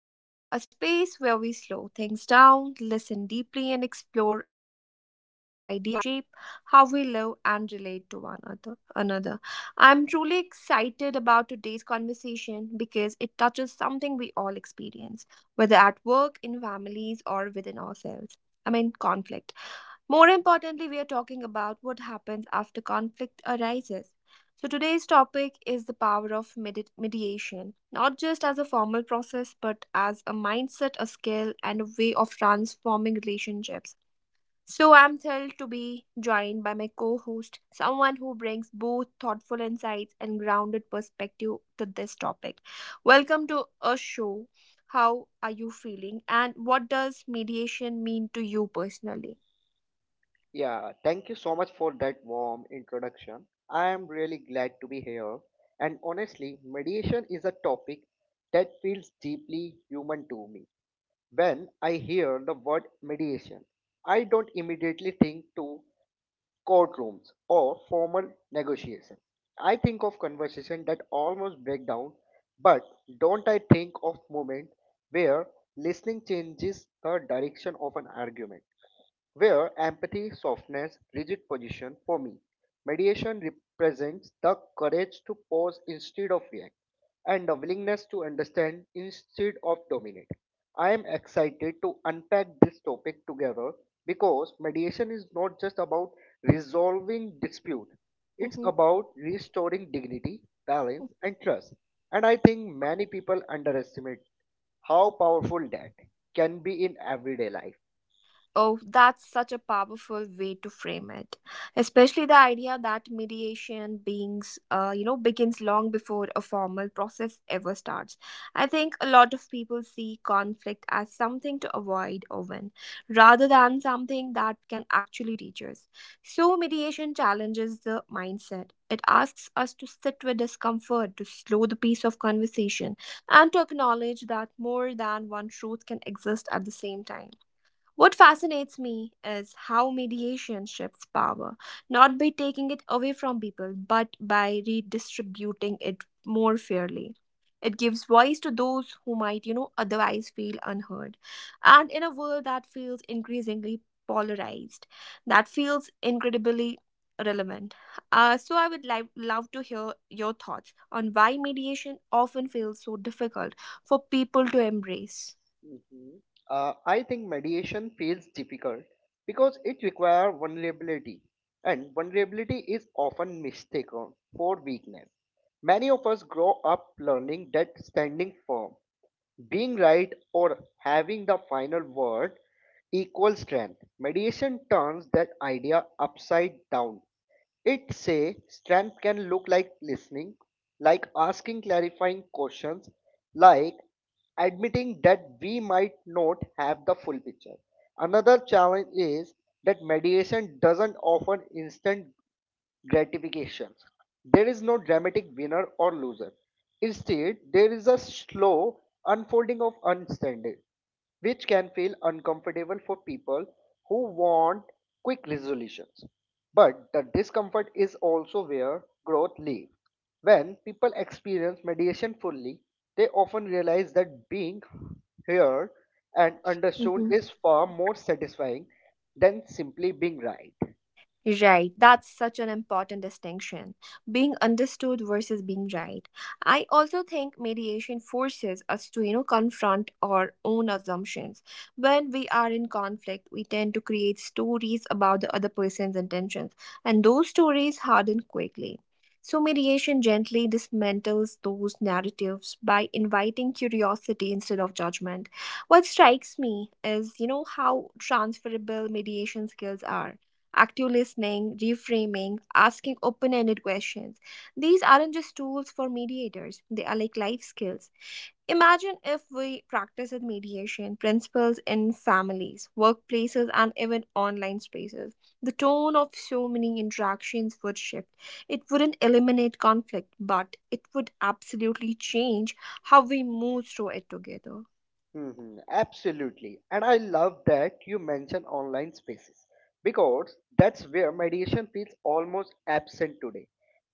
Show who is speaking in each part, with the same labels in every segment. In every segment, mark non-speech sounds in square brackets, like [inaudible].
Speaker 1: That Matter, a space where we slow things down, listen deeply, and explore ideas that shape how we live and relate to one another. I'm truly excited about today's conversation because it touches something we all experience, whether at work, in families, or within ourselves. I mean, conflict. More importantly, we are talking about what happens after conflict arises. So, today's topic is the power of mediation, not just as a formal process, but as a mindset, a skill, and a way of transforming relationships. So, I'm thrilled to be joined by my co host, someone who brings both thoughtful insights and grounded perspective to this topic. Welcome to a show. How are you feeling, and what does mediation mean to you personally?
Speaker 2: Yeah, thank you so much for that warm introduction. I am really glad to be here. And honestly, mediation is a topic that feels deeply human to me. When I hear the word mediation, I don't immediately think to courtrooms, or formal negotiation. I think of conversation that almost break down, but don't I think of moment where listening changes the direction of an argument, where empathy, softens rigid position for me. Mediation represents the courage to pause instead of react and a willingness to understand instead of dominate. I am excited to unpack this topic together because mediation is not just about resolving dispute. It's
Speaker 1: Mhm.
Speaker 2: about restoring dignity, balance and trust. And I think many people underestimate how powerful that can be in everyday life.
Speaker 1: Oh, that's such a powerful way to frame it, especially the idea that mediation beings, begins long before a formal process ever starts. I think a lot of people see conflict as something to avoid or win, rather than something that can actually teach us. So mediation challenges the mindset. It asks us to sit with discomfort, to slow the pace of conversation, and to acknowledge that more than one truth can exist at the same time. What fascinates me is how mediation shifts power, not by taking it away from people, but by redistributing it more fairly. It gives voice to those who might, otherwise feel unheard. And in a world that feels increasingly polarized, that feels incredibly relevant. So I would like love to hear your thoughts on why mediation often feels so difficult for people to embrace.
Speaker 2: Mhm. I think mediation feels difficult because it requires vulnerability, and vulnerability is often mistaken for weakness. Many of us grow up learning that standing firm being right or having the final word equals strength. Mediation turns that idea upside down. It says strength can look like listening, like asking clarifying questions, like admitting that we might not have the full picture. Another challenge is that mediation doesn't offer instant Gratifications. There is no dramatic winner or loser. Instead, there is a slow unfolding of understanding, which can feel uncomfortable for people who want quick resolutions. But the discomfort is also where growth lives. When people experience mediation fully, they often realize that being heard and understood is far more satisfying than simply being right.
Speaker 1: Right, that's such an important distinction. Being understood versus being right. I also think mediation forces us to, confront our own assumptions. When we are in conflict, we tend to create stories about the other person's intentions, and those stories harden quickly. So, mediation gently dismantles those narratives by inviting curiosity instead of judgment. What strikes me is, how transferable mediation skills are active listening, reframing, asking open ended questions. These aren't just tools for mediators, they are like life skills. Imagine if we practice at mediation principles in families, workplaces, and even online spaces. The tone of so many interactions would shift. It wouldn't eliminate conflict, but it would absolutely change how we move through it together.
Speaker 2: Absolutely. And I love that you mention online spaces because that's where mediation feels almost absent today.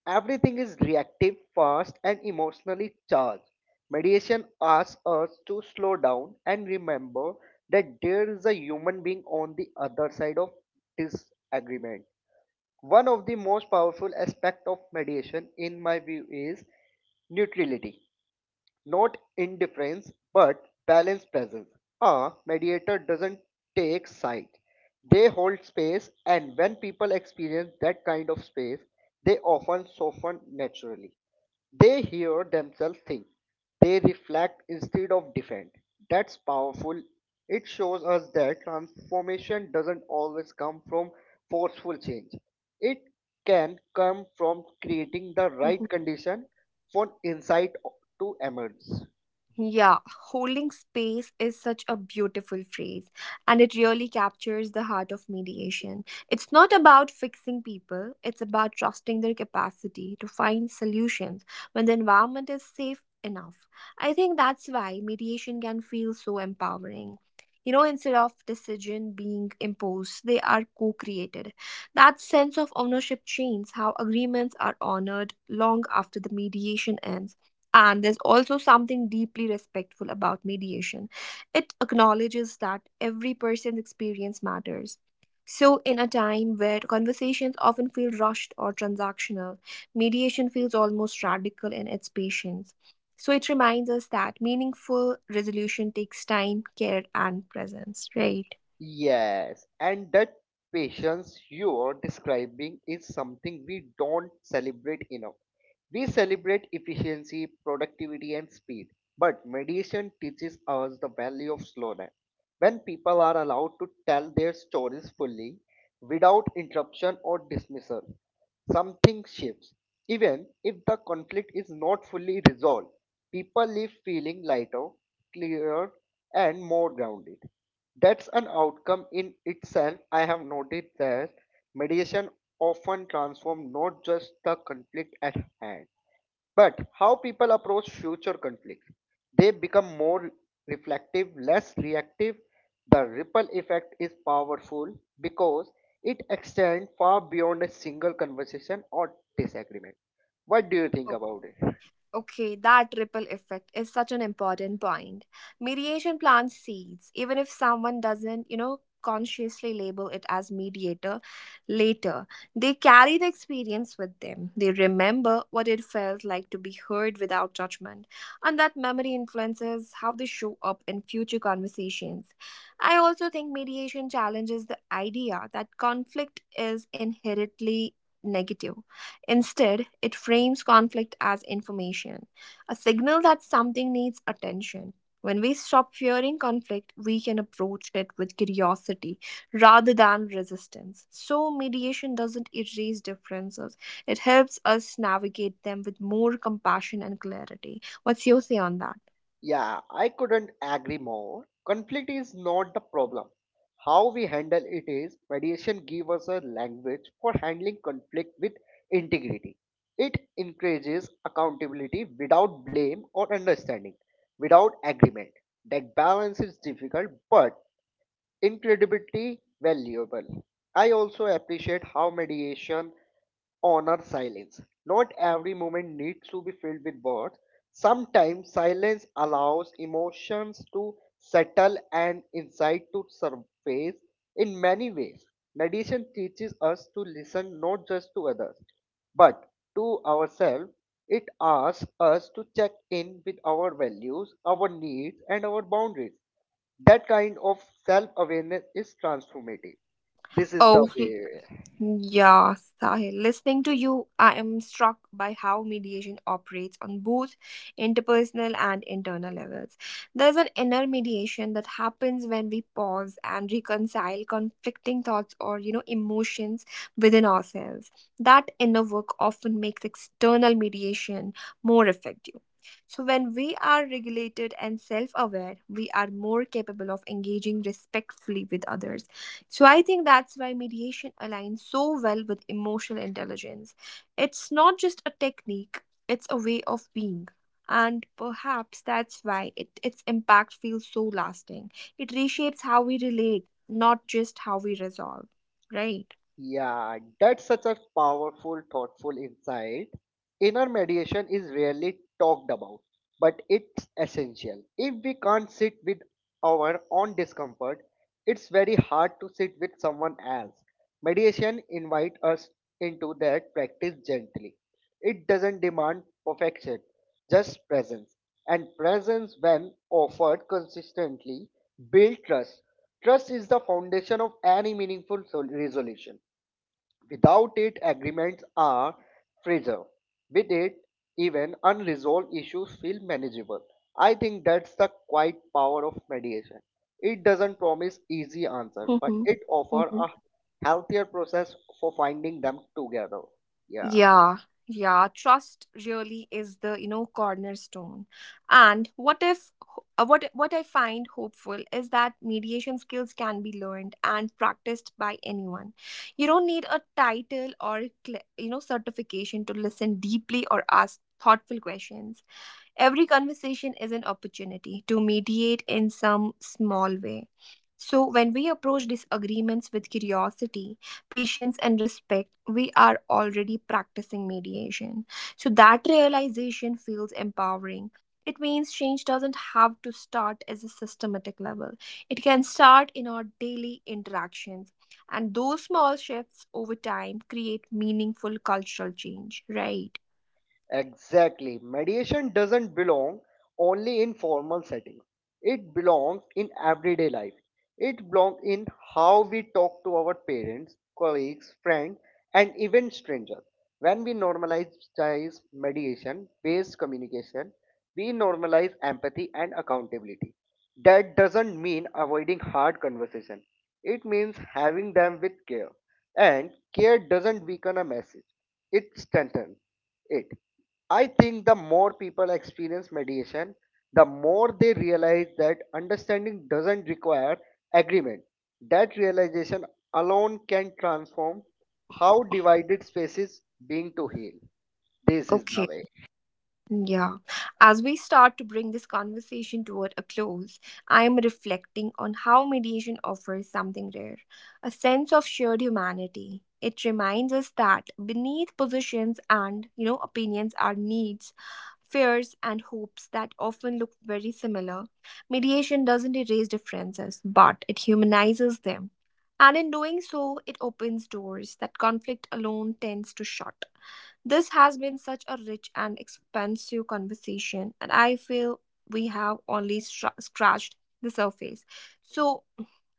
Speaker 2: Everything is reactive, fast, and emotionally charged. Mediation asks us to slow down and remember that there is a human being on the other side of this agreement. One of the most powerful aspects of mediation, in my view, is neutrality not indifference but balanced presence. A mediator doesn't take side. They hold space, and when people experience that kind of space, they often soften naturally. They hear themselves think. They reflect instead of defend. That's powerful. It shows us that transformation doesn't always come from forceful change. It can come from creating the right condition for insight to emerge.
Speaker 1: Yeah, holding space is such a beautiful phrase, and it really captures the heart of mediation. It's not about fixing people, it's about trusting their capacity to find solutions when the environment is safe enough. I think that's why mediation can feel so empowering. Instead of decision being imposed, they are co created. That sense of ownership changes how agreements are honored long after the mediation ends. And there's also something deeply respectful about mediation. It acknowledges that every person's experience matters. So, in a time where conversations often feel rushed or transactional, mediation feels almost radical in its patience. So, it reminds us that meaningful resolution takes time, care, and presence, right?
Speaker 2: Yes, and that patience you are describing is something we don't celebrate enough. We celebrate efficiency, productivity, and speed, but meditation teaches us the value of slowness. When people are allowed to tell their stories fully, without interruption or dismissal, something shifts. Even if the conflict is not fully resolved, people leave feeling lighter, clearer, and more grounded. That's an outcome in itself. I have noted that mediation often transforms not just the conflict at hand, but how people approach future conflicts. They become more reflective, less reactive. The ripple effect is powerful because it extends far beyond a single conversation or disagreement. What do you think about it?
Speaker 1: Okay, that ripple effect is such an important point. Mediation plants seeds, even if someone doesn't, consciously label it as mediator later. They carry the experience with them. They remember what it felt like to be heard without judgment, and that memory influences how they show up in future conversations. I also think mediation challenges the idea that conflict is inherently negative. Instead, it frames conflict as information, a signal that something needs attention. When we stop fearing conflict, we can approach it with curiosity rather than resistance. So, mediation doesn't erase differences, it helps us navigate them with more compassion and clarity. What's your say on that?
Speaker 2: Yeah, I couldn't agree more. Conflict is not the problem. How we handle it is mediation gives us a language for handling conflict with integrity. It encourages accountability without blame or understanding, without agreement. That balance is difficult but incredibly valuable. I also appreciate how mediation honors silence. Not every moment needs to be filled with words. Sometimes silence allows emotions to settle and insight to surface in many ways. Meditation teaches us to listen not just to others, but to ourselves. It asks us to check in with our values, our needs, and our boundaries. That kind of self awareness is transformative. This is the
Speaker 1: Oh,
Speaker 2: way.
Speaker 1: yeah, Sahil, listening to you, I am struck by how mediation operates on both interpersonal and internal levels. There's an inner mediation that happens when we pause and reconcile conflicting thoughts or, emotions within ourselves. That inner work often makes external mediation more effective. So, when we are regulated and self aware, we are more capable of engaging respectfully with others, so I think that's why mediation aligns so well with emotional intelligence. It's not just a technique, it's a way of being. And perhaps that's why it, its impact feels so lasting. It reshapes how we relate, not just how we resolve, right?
Speaker 2: Yeah, that's such a powerful, thoughtful insight. Inner mediation is rarely talked about, but it's essential. If we can't sit with our own discomfort, it's very hard to sit with someone else. Mediation invites us into that practice gently. It doesn't demand perfection, just presence. And presence, when offered consistently, builds trust. Trust is the foundation of any meaningful resolution. Without it, agreements are fragile. With it, even unresolved issues feel manageable. I think that's the quiet power of mediation. It doesn't promise easy answer, but
Speaker 1: Mm-hmm.
Speaker 2: it offers a healthier process for finding them together. Yeah.
Speaker 1: Yeah, yeah, trust really is the, cornerstone. And what if what what I find hopeful is that mediation skills can be learned and practiced by anyone. You don't need a title or certification to listen deeply or ask thoughtful questions. Every conversation is an opportunity to mediate in some small way. So, when we approach disagreements with curiosity, patience, and respect, we are already practicing mediation. So, that realization feels empowering. It means change doesn't have to start as a systematic level, it can start in our daily interactions. And those small shifts over time create meaningful cultural change, right?
Speaker 2: Exactly. Mediation doesn't belong only in formal settings. It belongs in everyday life. It belongs in how we talk to our parents, colleagues, friends, and even strangers. When we normalize mediation based communication, we normalize empathy and accountability. That doesn't mean avoiding hard conversation. It means having them with care. And care doesn't weaken a message. It strengthens it. I think the more people experience mediation, the more they realize that understanding doesn't require agreement. That realization alone can transform how divided spaces being to heal. This is the
Speaker 1: Okay.
Speaker 2: way.
Speaker 1: Yeah. As we start to bring this conversation toward a close, I am reflecting on how mediation offers something rare, a sense of shared humanity. It reminds us that beneath positions and, opinions are needs, fears, and hopes that often look very similar. Mediation doesn't erase differences, but it humanizes them. And in doing so, it opens doors that conflict alone tends to shut. This has been such a rich and expansive conversation, and I feel we have only scratched the surface. So,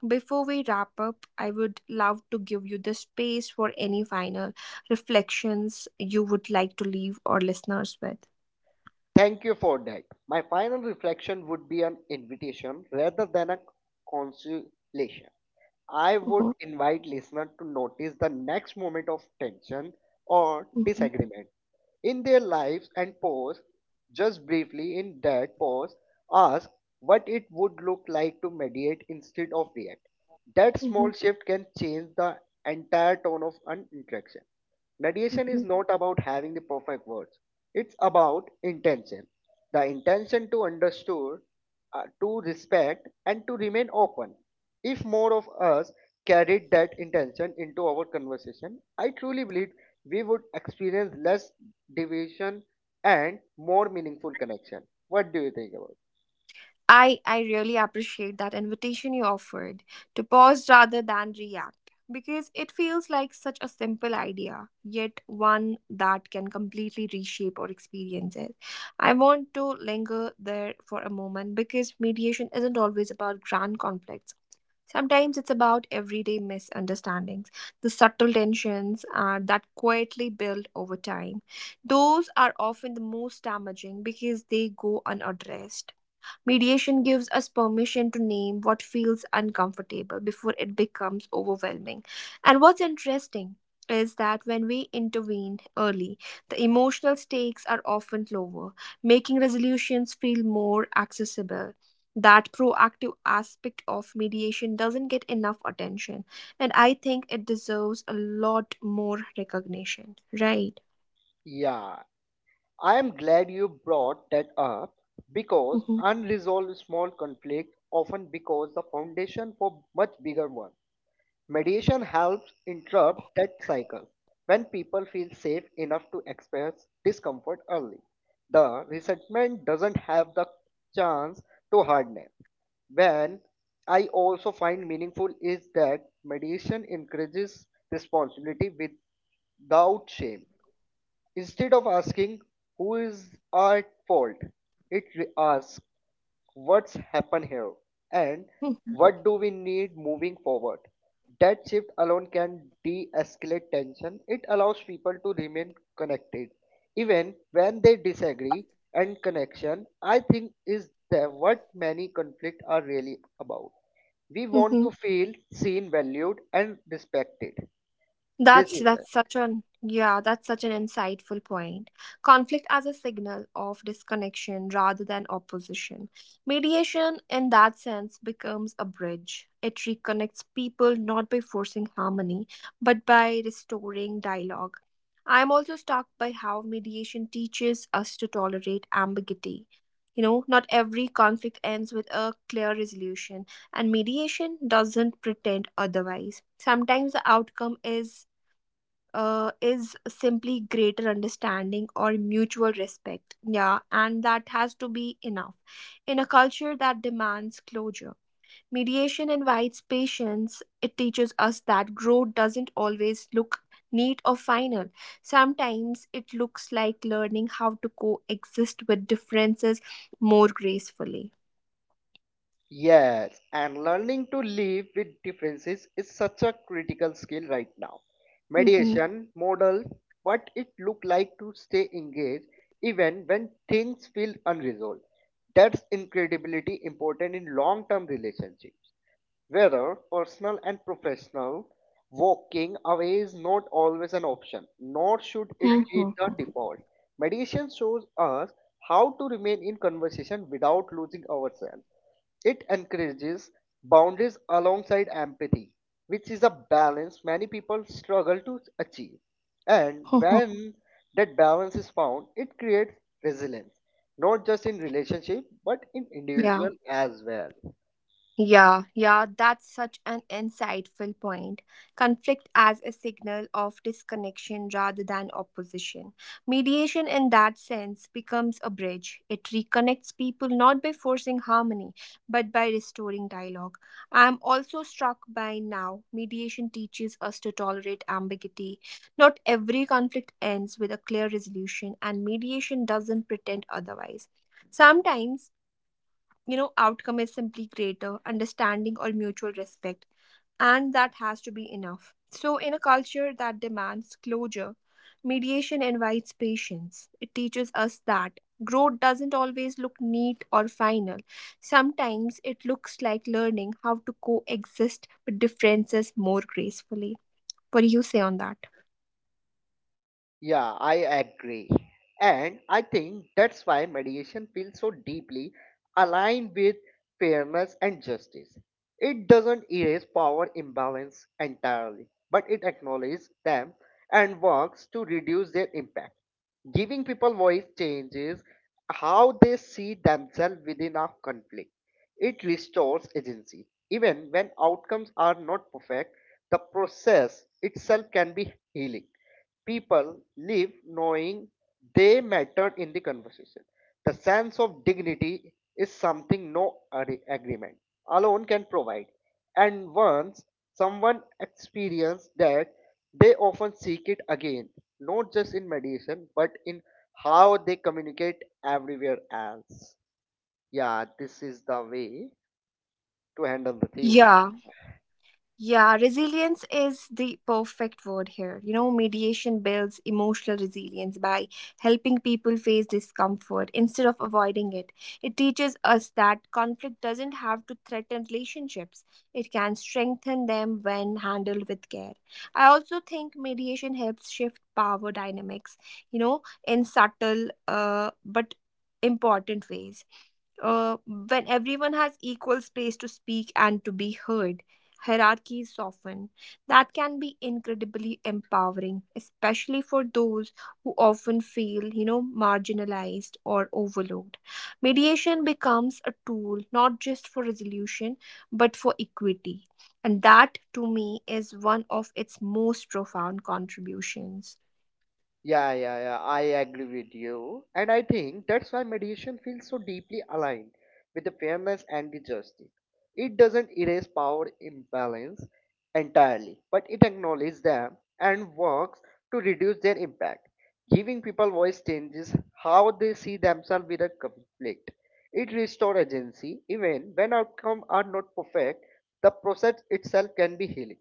Speaker 1: before we wrap up, I would love to give you the space for any final reflections you would like to leave our listeners with.
Speaker 2: Thank you for that. My final reflection would be an invitation rather than a consolation. I would
Speaker 1: Mhm,
Speaker 2: invite listeners to notice the next moment of tension or
Speaker 1: mhm,
Speaker 2: disagreement in their lives and pause just briefly in that pause ask what it would look like to mediate instead of react that small
Speaker 1: mhm,
Speaker 2: shift can change the entire tone of an interaction mediation is
Speaker 1: mhm.
Speaker 2: not about having the perfect words it's about intention the intention to understand, to respect and to remain open if more of us carried that intention into our conversation, I truly believe we would experience less division and more meaningful connection. What do you think about?
Speaker 1: I really appreciate that invitation you offered to pause rather than react because it feels like such a simple idea, yet one that can completely reshape our experiences. I want to linger there for a moment because mediation isn't always about grand conflicts. Sometimes it's about everyday misunderstandings, the subtle tensions that quietly build over time. Those are often the most damaging because they go unaddressed. Mediation gives us permission to name what feels uncomfortable before it becomes overwhelming. And what's interesting is that when we intervene early, the emotional stakes are often lower, making resolutions feel more accessible. That proactive aspect of mediation doesn't get enough attention, and I think it deserves a lot more recognition, right?
Speaker 2: Yeah, I am glad you brought that up because unresolved small conflict often becomes the foundation for much bigger one. Mediation helps interrupt that cycle. When people feel safe enough to express discomfort early, the resentment doesn't have the chance to harden. When I also find meaningful is that mediation encourages responsibility without shame. Instead of asking who is at fault, it asks what's happened here and what do we need moving forward. That shift alone can de escalate tension. It allows people to remain connected even when they disagree, and connection, I think, is the, what many conflicts are really about. We want
Speaker 1: hmm
Speaker 2: to feel seen, valued, and respected. This
Speaker 1: That's
Speaker 2: is it.
Speaker 1: that's such that's such an insightful point. Conflict as a signal of disconnection rather than opposition. Mediation in that sense becomes a bridge. It reconnects people not by forcing harmony, but by restoring dialogue. I'm also struck by how mediation teaches us to tolerate ambiguity. Not every conflict ends with a clear resolution, and mediation doesn't pretend otherwise. Sometimes the outcome is is simply greater understanding or mutual respect. Yeah, and that has to be enough. In a culture that demands closure, mediation invites patience. It teaches us that growth doesn't always look neat or final. Sometimes it looks like learning how to coexist with differences more gracefully.
Speaker 2: Yes, and learning to live with differences is such a critical skill right now.
Speaker 1: Mm-hmm.
Speaker 2: Mediation model what it look like to stay engaged even when things feel unresolved. That's incredibly important in long-term relationships. Whether personal and professional, walking away is not always an option, nor should it be
Speaker 1: Mhm.
Speaker 2: the default. Meditation shows us how to remain in conversation without losing ourselves. It encourages boundaries alongside empathy, which is a balance many people struggle to achieve. And
Speaker 1: [laughs]
Speaker 2: when that balance is found, it creates resilience, not just in relationship but in
Speaker 1: Yeah.
Speaker 2: individual as well.
Speaker 1: Yeah, that's such an insightful point. Conflict as a signal of disconnection rather than opposition. Mediation, in that sense, becomes a bridge. It reconnects people not by forcing harmony, but by restoring dialogue. I'm also struck by now, mediation teaches us to tolerate ambiguity. Not every conflict ends with a clear resolution, and mediation doesn't pretend otherwise. Sometimes, outcome is simply greater understanding or mutual respect, and that has to be enough. So in a culture that demands closure, mediation invites patience. It teaches us that growth doesn't always look neat or final. Sometimes it looks like learning how to coexist with differences more gracefully. What do you say on that?
Speaker 2: Yeah, I agree. And I think that's why mediation feels so deeply aligned with fairness and justice. It doesn't erase power imbalance entirely, but it acknowledges them and works to reduce their impact. Giving people voice changes how they see themselves within a conflict. It restores agency. Even when outcomes are not perfect, the process itself can be healing people live knowing they mattered in the conversation. The sense of dignity is something no agreement alone can provide. And once someone experiences that, they often seek it again, not just in mediation, but in how they communicate everywhere else. Yeah, this is the way to handle the thing.
Speaker 1: Yeah. Yeah, resilience is the perfect word here. You know, mediation builds emotional resilience by helping people face discomfort instead of avoiding it. It teaches us that conflict doesn't have to threaten relationships, it can strengthen them when handled with care. I also think mediation helps shift power dynamics, you know, in subtle but important ways, when everyone has equal space to speak and to be heard, hierarchies soften. That can be incredibly empowering, especially for those who often feel, marginalized or overlooked. Mediation becomes a tool not just for resolution, but for equity. And that, to me, is one of its most profound contributions.
Speaker 2: Yeah, yeah, yeah, I agree with you. And I think that's why mediation feels so deeply aligned with the fairness and the justice. It doesn't erase power imbalance entirely, but it acknowledges them and works to reduce their impact. Giving people voice changes how they see themselves with a conflict. It restores agency even when outcomes are not perfect. The process itself can be healing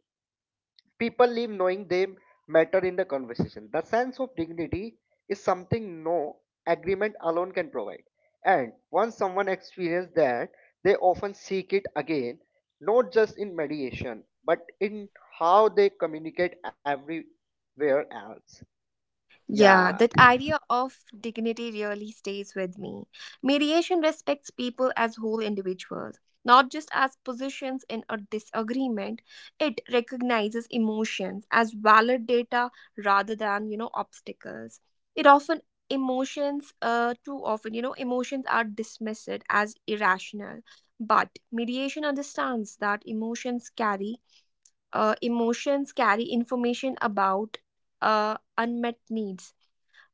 Speaker 2: people leave knowing they matter in the conversation. The sense of dignity is something no agreement alone can provide. And once someone experiences that, they often seek it again, not just in mediation, but in how they communicate everywhere else. Yeah,
Speaker 1: Yeah, that idea of dignity really stays with me. Mediation respects people as whole individuals, not just as positions in a disagreement. It recognizes emotions as valid data rather than, obstacles. It often emotions too often you know emotions are dismissed as irrational, but mediation understands that emotions carry information about unmet needs.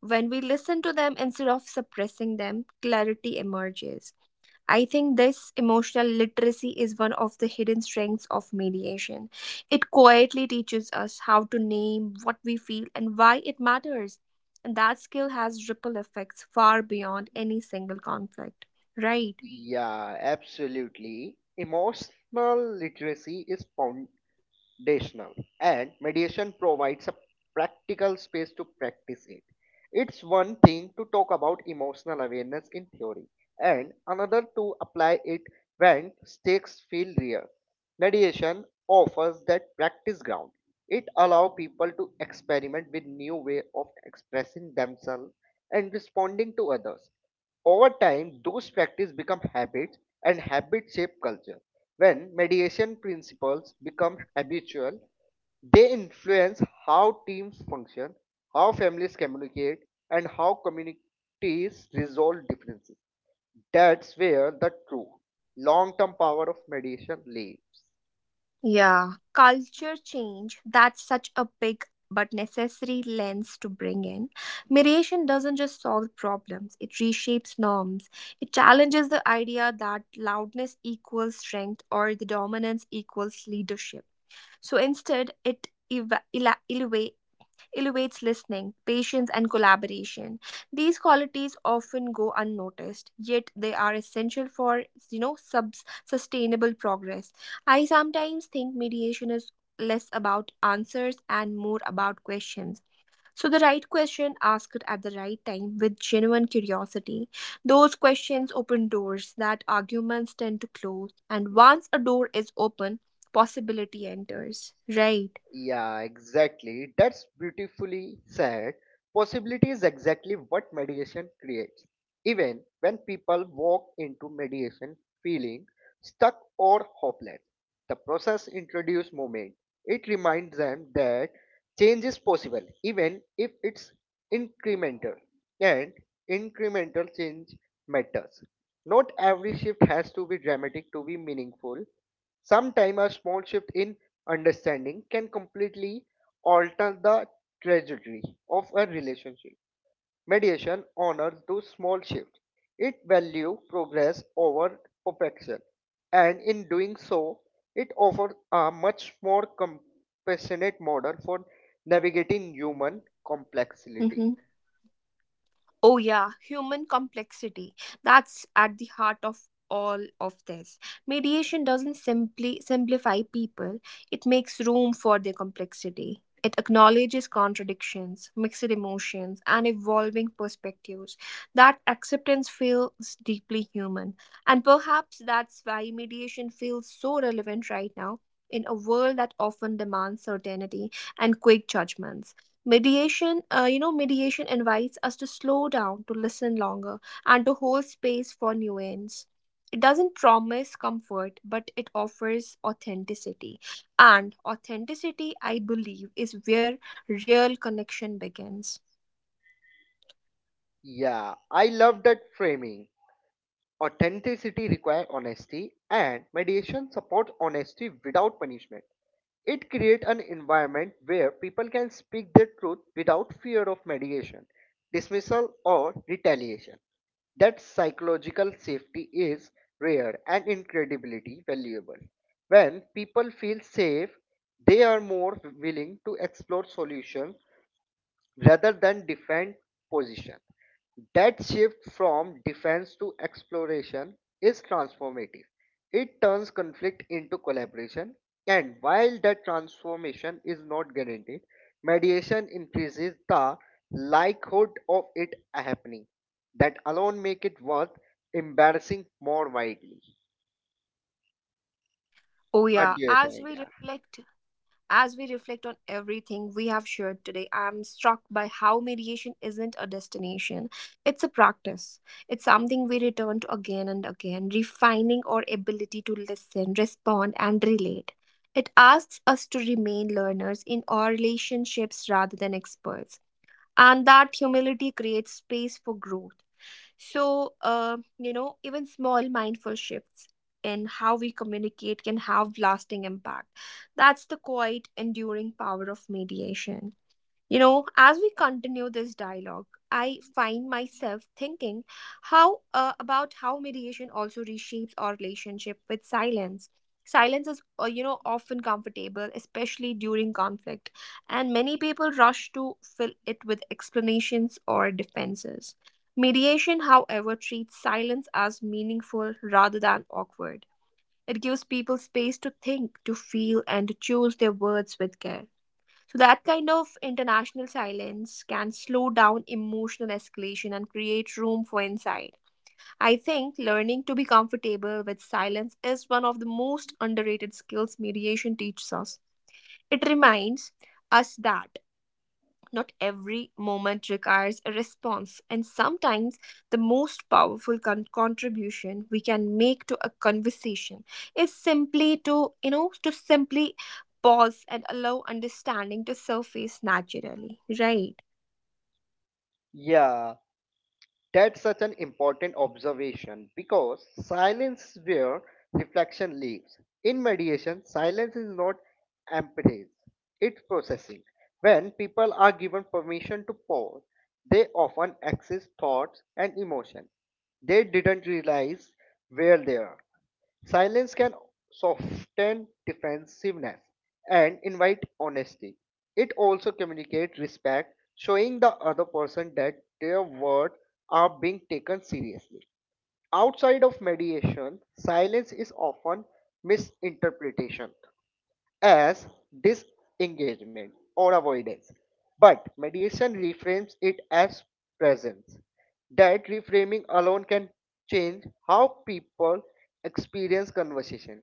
Speaker 1: When we listen to them instead of suppressing them, clarity emerges. I think this emotional literacy is one of the hidden strengths of mediation. It quietly teaches us how to name what we feel and why it matters. And that skill has ripple effects far beyond any single conflict. Right?
Speaker 2: yeah, absolutely. Emotional literacy is foundational, and mediation provides a practical space to practice it. It's one thing to talk about emotional awareness in theory, and another to apply it when stakes feel real. Mediation offers that practice ground. It allows people to experiment with new way of expressing themselves and responding to others. Over time, those practices become habits, and habits shape culture. When mediation principles become habitual, they influence how teams function, how families communicate, and how communities resolve differences. That's where the true long term power of mediation lives.
Speaker 1: Yeah, culture change, that's such a big but necessary lens to bring in. Mediation doesn't just solve problems, it reshapes norms. It challenges the idea that loudness equals strength or the dominance equals leadership. So instead, it elevates listening, patience, and collaboration. These qualities often go unnoticed, yet they are essential for sustainable progress. I sometimes think mediation is less about answers and more about questions. So, the right question asked at the right time with genuine curiosity. Those questions open doors that arguments tend to close, and once a door is open, possibility enters. Right.
Speaker 2: Yeah, exactly. That's beautifully said. Possibility is exactly what meditation creates. Even when people walk into meditation feeling stuck or hopeless, the process introduces movement. It reminds them that change is possible, even if it's incremental. And incremental change matters. Not every shift has to be dramatic to be meaningful. Sometimes a small shift in understanding can completely alter the trajectory of a relationship. Mediation honors those small shifts. It values progress over perfection, and in doing so, it offers a much more compassionate model for navigating human complexity.
Speaker 1: Mm-hmm. Oh, yeah, human complexity. That's at the heart of all of this. Mediation doesn't simply simplify people, it makes room for their complexity. It acknowledges contradictions, mixed emotions, and evolving perspectives. That acceptance feels deeply human. And perhaps that's why mediation feels so relevant right now in a world that often demands certainty and quick judgments. Mediation, mediation invites us to slow down, to listen longer, and to hold space for nuance. It doesn't promise comfort, but it offers authenticity. And authenticity, I believe, is where real connection begins.
Speaker 2: Yeah, I love that framing. Authenticity requires honesty, and mediation supports honesty without punishment. It creates an environment where people can speak their truth without fear of mediation, dismissal, or retaliation. That psychological safety is rare and incredibly valuable. When people feel safe, they are more willing to explore solutions rather than defend position. That shift from defense to exploration is transformative. It turns conflict into collaboration, and while that transformation is not guaranteed, mediation increases the likelihood of it happening. That alone make it worth embarrassing more widely.
Speaker 1: Oh,
Speaker 2: What
Speaker 1: yeah.
Speaker 2: do you think? Yeah.
Speaker 1: As we reflect on everything we have shared today, I'm struck by how mediation isn't a destination. It's a practice. It's something we return to again and again, refining our ability to listen, respond, and relate. It asks us to remain learners in our relationships rather than experts. And that humility creates space for growth, so, even small mindful shifts in how we communicate can have lasting impact. That's the quiet, enduring power of mediation. You know, as we continue this dialogue, I find myself thinking how about how mediation also reshapes our relationship with silence. Silence is, often comfortable, especially during conflict, and many people rush to fill it with explanations or defenses. Mediation, however, treats silence as meaningful rather than awkward. It gives people space to think, to feel, and to choose their words with care. So, that kind of international silence can slow down emotional escalation and create room for insight. I think learning to be comfortable with silence is one of the most underrated skills mediation teaches us. It reminds us that not every moment requires a response, and sometimes the most powerful contribution we can make to a conversation is simply to, you know, to simply pause and allow understanding to surface naturally, right?
Speaker 2: Yeah, that's such an important observation because silence is where reflection lives. In mediation, silence is not emptiness, it's processing. When people are given permission to pause, they often access thoughts and emotion they didn't realize were there. Silence can soften defensiveness and invite honesty. It also communicates respect, showing the other person that their words are being taken seriously. Outside of mediation, silence is often misinterpretation as disengagement or avoidance, but mediation reframes it as presence. That reframing alone can change how people experience conversation.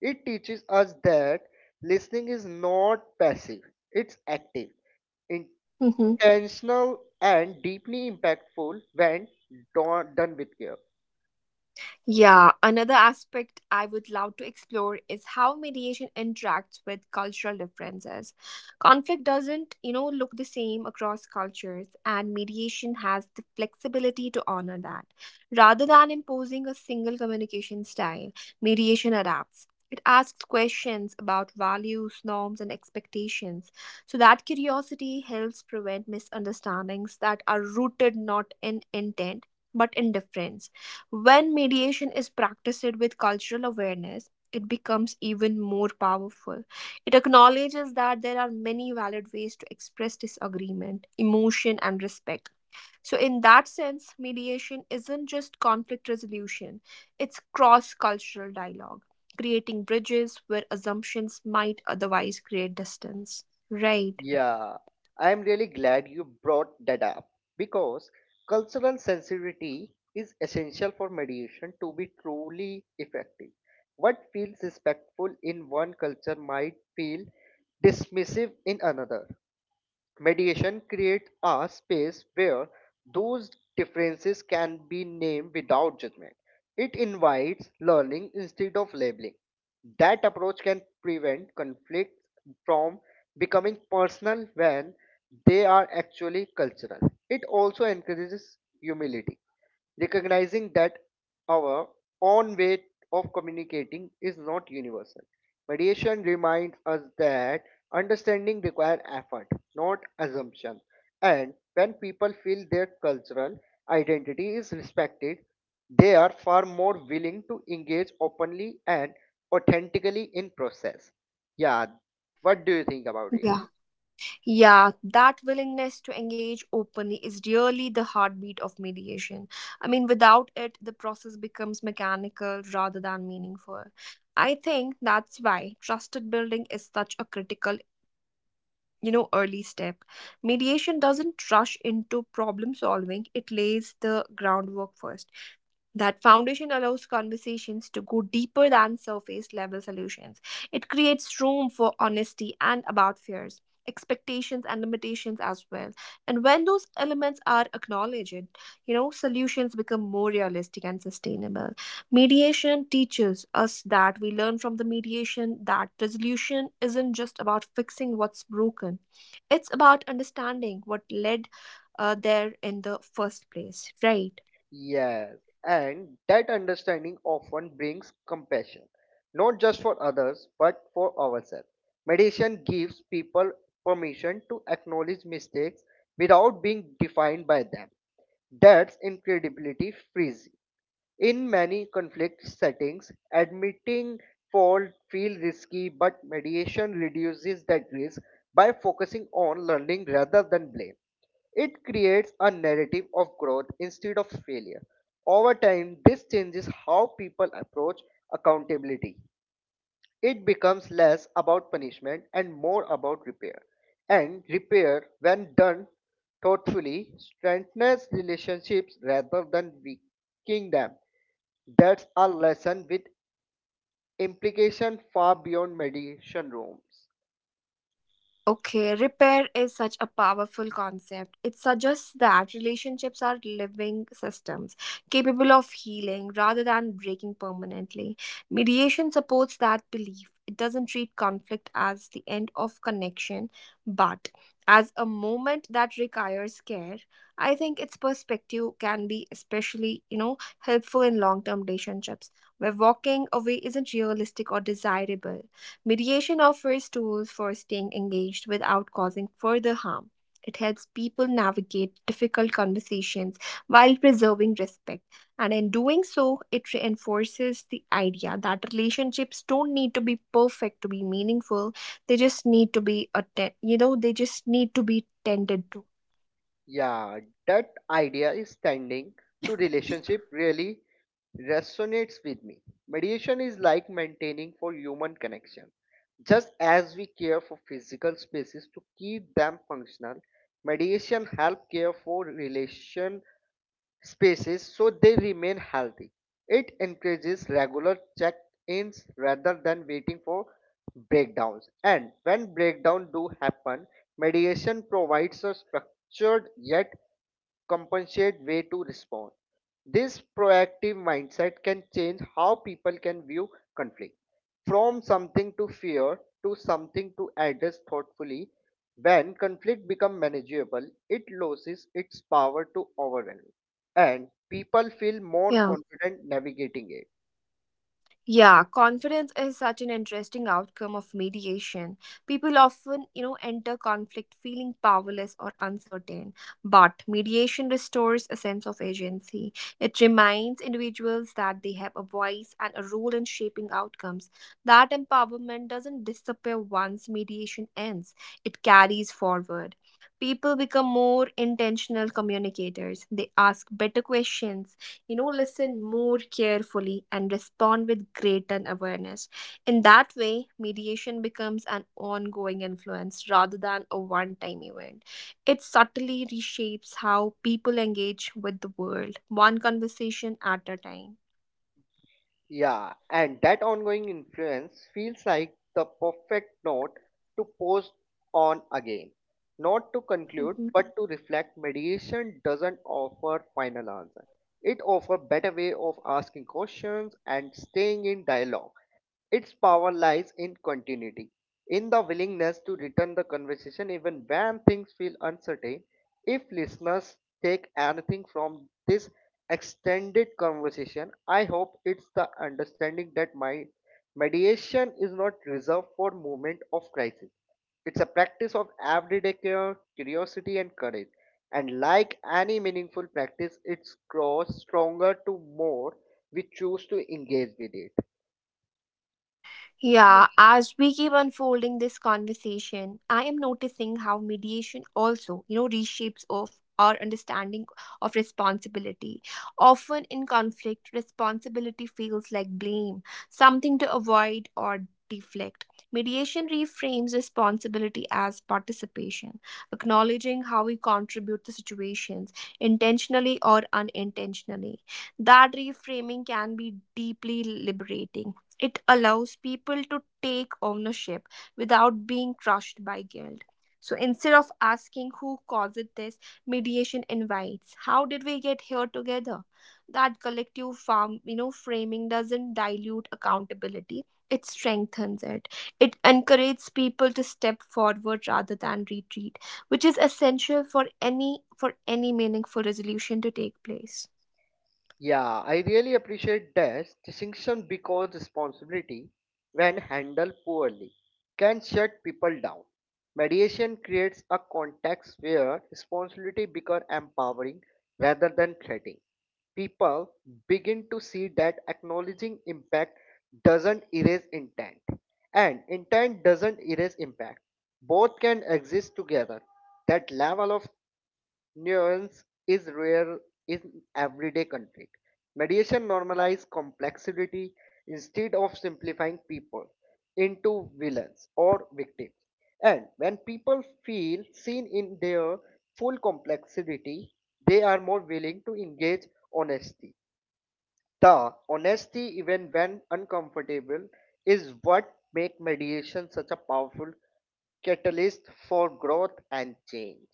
Speaker 2: It teaches us that listening is not passive, it's active,
Speaker 1: Mm-hmm.
Speaker 2: intentional, and deeply impactful when done with care.
Speaker 1: Yeah, another aspect I would love to explore is how mediation interacts with cultural differences. Conflict doesn't, you know, look the same across cultures, and mediation has the flexibility to honor that. Rather than imposing a single communication style, mediation adapts. It asks questions about values, norms, and expectations. So that curiosity helps prevent misunderstandings that are rooted not in intent but in difference. When mediation is practiced with cultural awareness, it becomes even more powerful. It acknowledges that there are many valid ways to express disagreement, emotion, and respect. So, in that sense, mediation isn't just conflict resolution, it's cross cultural dialogue, creating bridges where assumptions might otherwise create distance. Right.
Speaker 2: Yeah, I'm really glad you brought that up because cultural sensitivity is essential for mediation to be truly effective. What feels respectful in one culture might feel dismissive in another. Mediation creates a space where those differences can be named without judgment. It invites learning instead of labeling. That approach can prevent conflicts from becoming personal when they are actually cultural. It also encourages humility recognizing that our own way of communicating is not universal. Mediation reminds us that understanding requires effort, not assumption. And when people feel their cultural identity is respected, they are far more willing to engage openly and authentically in process. Yeah, what do you think about it?
Speaker 1: Yeah. Yeah, that willingness to engage openly is really the heartbeat of mediation. I mean, without it, the process becomes mechanical rather than meaningful. I think that's why trusted building is such a critical, you know, early step. Mediation doesn't rush into problem solving, it lays the groundwork first. That foundation allows conversations to go deeper than surface level solutions. It creates room for honesty and about fears, expectations and limitations as well, and when those elements are acknowledged, you know, solutions become more realistic and sustainable. Mediation teaches us that we learn from the mediation that resolution isn't just about fixing what's broken, it's about understanding what led there in the first place, right?
Speaker 2: Yes, and that understanding often brings compassion, not just for others, but for ourselves. Meditation gives people permission to acknowledge mistakes without being defined by them. That's incredibility freezing. In many conflict settings, admitting fault feels risky, but mediation reduces that risk by focusing on learning rather than blame. It creates a narrative of growth instead of failure. Over time, this changes how people approach accountability. It becomes less about punishment and more about repair. And repair, when done thoughtfully, strengthens relationships rather than weakening them. That's a lesson with implication far beyond mediation rooms.
Speaker 1: Okay, repair is such a powerful concept. It suggests that relationships are living systems capable of healing rather than breaking permanently. Mediation supports that belief. It doesn't treat conflict as the end of connection, but as a moment that requires care. I think its perspective can be especially, you know, helpful in long-term relationships where walking away isn't realistic or desirable. Mediation offers tools for staying engaged without causing further harm. It helps people navigate difficult conversations while preserving respect. And in doing so, it reinforces the idea that relationships don't need to be perfect to be meaningful. They just need to be they just need to be tended to.
Speaker 2: Yeah, that idea is standing to relationship really resonates with me. Mediation is like maintaining for human connection. Just as we care for physical spaces to keep them functional, mediation helps care for relation spaces so they remain healthy. It encourages regular check ins rather than waiting for breakdowns. And when breakdowns do happen, mediation provides a structured yet compensate way to respond. This proactive mindset can change how people can view conflict from something to fear to something to address thoughtfully. When conflict becomes manageable, it loses its power to overwhelm, and people feel more
Speaker 1: Yeah.
Speaker 2: confident navigating it.
Speaker 1: Yeah, confidence is such an interesting outcome of mediation. People often, you know, enter conflict feeling powerless or uncertain, but mediation restores a sense of agency. It reminds individuals that they have a voice and a role in shaping outcomes. That empowerment doesn't disappear once mediation ends, it carries forward. People become more intentional communicators. They ask better questions, you know, listen more carefully and respond with greater awareness. In that way, mediation becomes an ongoing influence rather than a one time event. It subtly reshapes how people engage with the world one conversation at a time.
Speaker 2: Yeah, and that ongoing influence feels like the perfect note to pause on again. Not to conclude,
Speaker 1: Mhm.
Speaker 2: but to reflect, mediation doesn't offer final answer. It offers better way of asking questions and staying in dialogue. Its power lies in continuity, in the willingness to return the conversation even when things feel uncertain. If listeners take anything from this extended conversation, I hope it's the understanding that my mediation is not reserved for moment of crisis. It's a practice of everyday care, curiosity, and courage. And like any meaningful practice, it grows stronger to more we choose to engage with it.
Speaker 1: Yeah, as we keep unfolding this conversation, I am noticing how mediation also, you know, reshapes of our understanding of responsibility. Often in conflict, responsibility feels like blame, something to avoid or deflect. Mediation reframes responsibility as participation, acknowledging how we contribute to situations, intentionally or unintentionally. That reframing can be deeply liberating. It allows people to take ownership without being crushed by guilt. So instead of asking who caused this, mediation invites how did we get here together? That collective farm, you know, framing doesn't dilute accountability. It strengthens it. It encourages people to step forward rather than retreat, which is essential for any meaningful resolution to take place.
Speaker 2: Yeah, I really appreciate this distinction because responsibility, when handled poorly, can shut people down. Mediation creates a context where responsibility becomes empowering rather than threatening. People begin to see that acknowledging impact doesn't erase intent, and intent doesn't erase impact. Both can exist together. That level of nuance is rare in everyday conflict. Mediation normalizes complexity instead of simplifying people into villains or victims. And when people feel seen in their full complexity, they are more willing to engage honesty. The honesty, even when uncomfortable, is what makes mediation such a powerful catalyst for growth and change.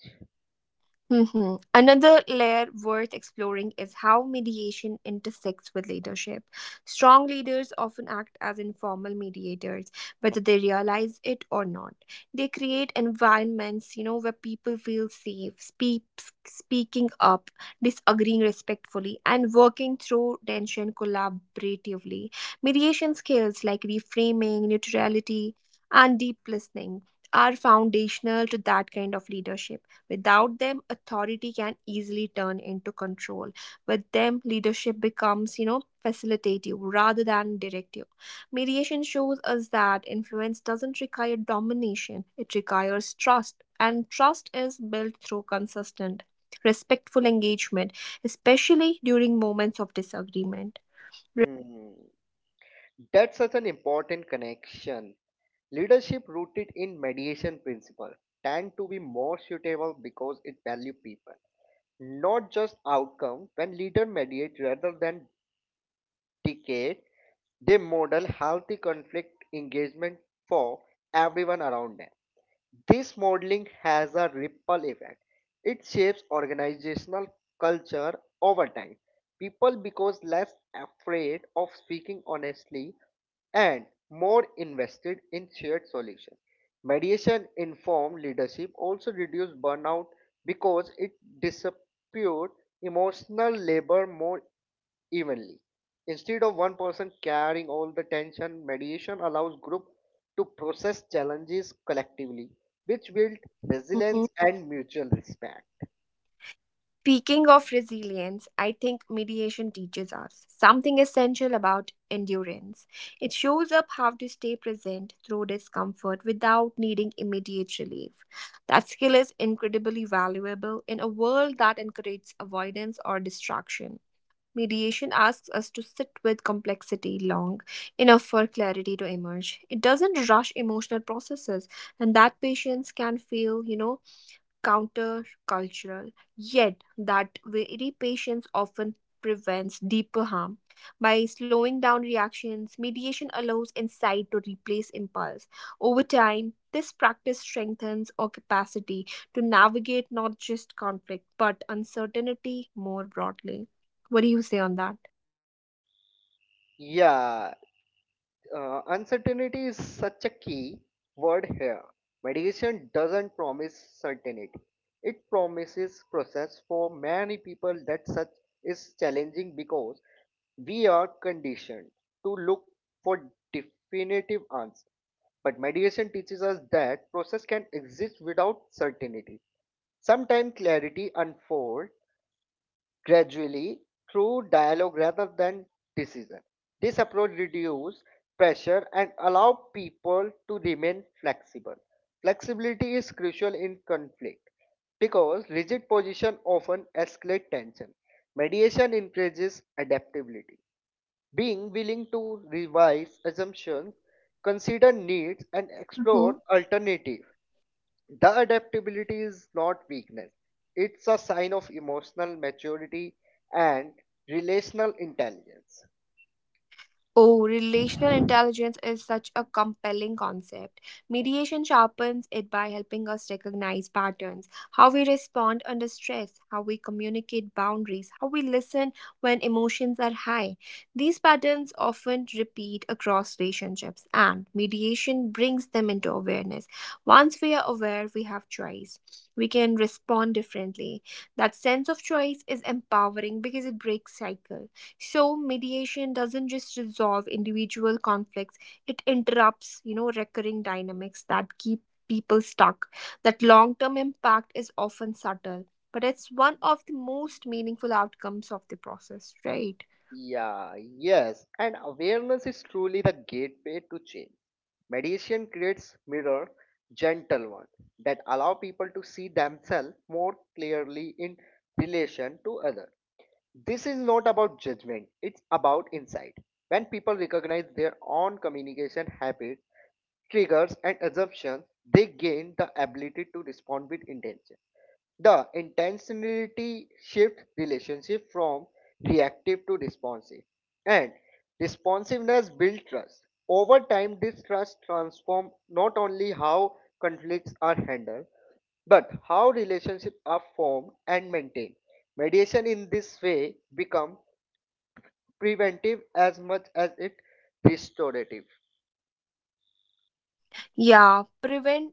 Speaker 1: Mhm. Another layer worth exploring is how mediation intersects with leadership. Strong leaders often act as informal mediators, whether they realize it or not. They create environments, you know, where people feel safe, speaking up, disagreeing respectfully, and working through tension collaboratively. Mediation skills like reframing, neutrality, and deep listening are foundational to that kind of leadership. Without them, authority can easily turn into control. With them, leadership becomes, you know, facilitative rather than directive. Mediation shows us that influence doesn't require domination, it requires trust, and trust is built through consistent, respectful engagement, especially during moments of disagreement. Right.
Speaker 2: Hmm. That's such an important connection. Leadership rooted in mediation principle tend to be more suitable because it value people, not just outcome. When leader mediate rather than dictate, they model healthy conflict engagement for everyone around them. This modeling has a ripple effect. It shapes organizational culture over time. People become less afraid of speaking honestly and more invested in shared solutions. Mediation informed leadership also reduces burnout because it disputes emotional labor more evenly. Instead of one person carrying all the tension, mediation allows group to process challenges collectively, which build
Speaker 1: Mm-hmm.
Speaker 2: resilience and mutual respect.
Speaker 1: Speaking of resilience, I think mediation teaches us something essential about endurance. It shows up how to stay present through discomfort without needing immediate relief. That skill is incredibly valuable in a world that encourages avoidance or distraction. Mediation asks us to sit with complexity long enough for clarity to emerge. It doesn't rush emotional processes, and that patience can feel, you know, countercultural, yet that very patience often prevents deeper harm. By slowing down reactions, mediation allows insight to replace impulse. Over time, this practice strengthens our capacity to navigate not just conflict but uncertainty more broadly. What do you say on that?
Speaker 2: Yeah, uncertainty is such a key word here. Mediation doesn't promise certainty. It promises process for many people that such is challenging because we are conditioned to look for definitive answers. But mediation teaches us that process can exist without certainty. Sometimes clarity unfolds gradually through dialogue rather than decision. This approach reduces pressure and allows people to remain flexible. Flexibility is crucial in conflict because rigid position often escalate tension. Mediation encourages adaptability being willing to revise assumptions, consider needs, and explore alternatives. The adaptability is not weakness, it's a sign of emotional maturity and relational intelligence.
Speaker 1: Oh, relational intelligence is such a compelling concept. Mediation sharpens it by helping us recognize patterns, how we respond under stress, how we communicate boundaries, how we listen when emotions are high. These patterns often repeat across relationships, and mediation brings them into awareness. Once we are aware, we have choice. We can respond differently. That sense of choice is empowering because it breaks cycles. So mediation doesn't just resolve individual conflicts, it interrupts, you know, recurring dynamics that keep people stuck. That long term impact is often subtle, but it's one of the most meaningful outcomes of the process, right?
Speaker 2: Yeah, yes, and awareness is truly the gateway to change. Meditation creates mirror, gentle ones that allow people to see themselves more clearly in relation to others. This is not about judgment, it's about insight. When people recognize their own communication habits, triggers, and assumptions, they gain the ability to respond with intention. The intentionality shift relationship from reactive to responsive, and responsiveness builds trust. Over time, this trust transforms not only how conflicts are handled but how relationships are formed and maintained. Mediation in this way becomes preventive as much as it restorative.
Speaker 1: Yeah, preventative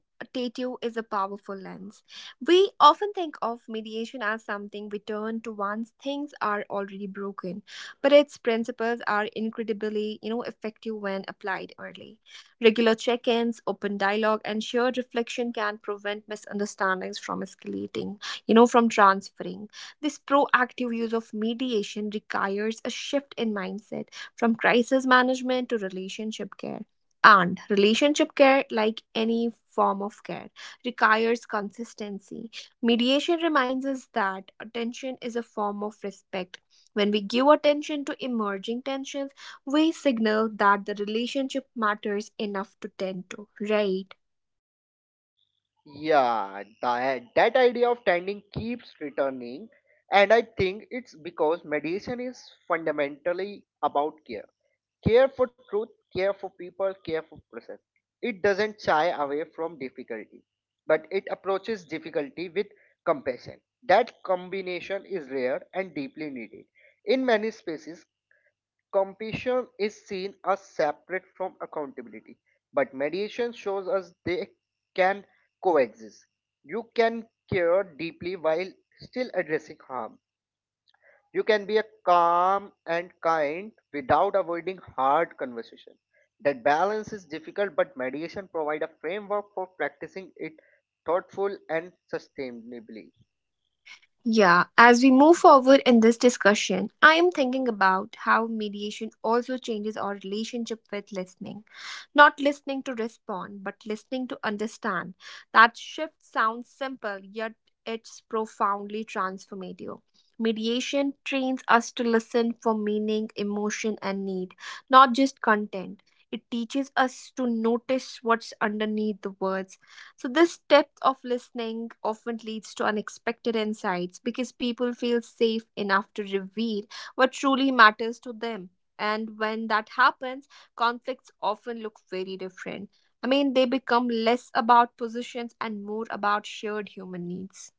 Speaker 1: is a powerful lens. We often think of mediation as something we turn to once things are already broken, but its principles are incredibly, you know, effective when applied early. Regular check-ins, open dialogue, and shared reflection can prevent misunderstandings from escalating, you know, from transferring. This proactive use of mediation requires a shift in mindset from crisis management to relationship care, and relationship care, like any form of care, requires consistency. Mediation reminds us that attention is a form of respect. When we give attention to emerging tensions, we signal that the relationship matters enough to tend to, right?
Speaker 2: Yeah, that idea of tending keeps returning, and I think it's because meditation is fundamentally about care. Care for truth, care for people, care for process. It doesn't shy away from difficulty, but it approaches difficulty with compassion. That combination is rare and deeply needed. In many spaces, compassion is seen as separate from accountability, but mediation shows us they can coexist. You can care deeply while still addressing harm. You can be a calm and kind without avoiding hard conversation. That balance is difficult, but mediation provides a framework for practicing it thoughtful and sustainably.
Speaker 1: Yeah, as we move forward in this discussion, I am thinking about how mediation also changes our relationship with listening. Not listening to respond, but listening to understand. That shift sounds simple, yet it's profoundly transformative. Mediation trains us to listen for meaning, emotion, and need, not just content. It teaches us to notice what's underneath the words, so this depth of listening often leads to unexpected insights because people feel safe enough to reveal what truly matters to them. And when that happens, conflicts often look very different. I mean, they become less about positions and more about shared human needs.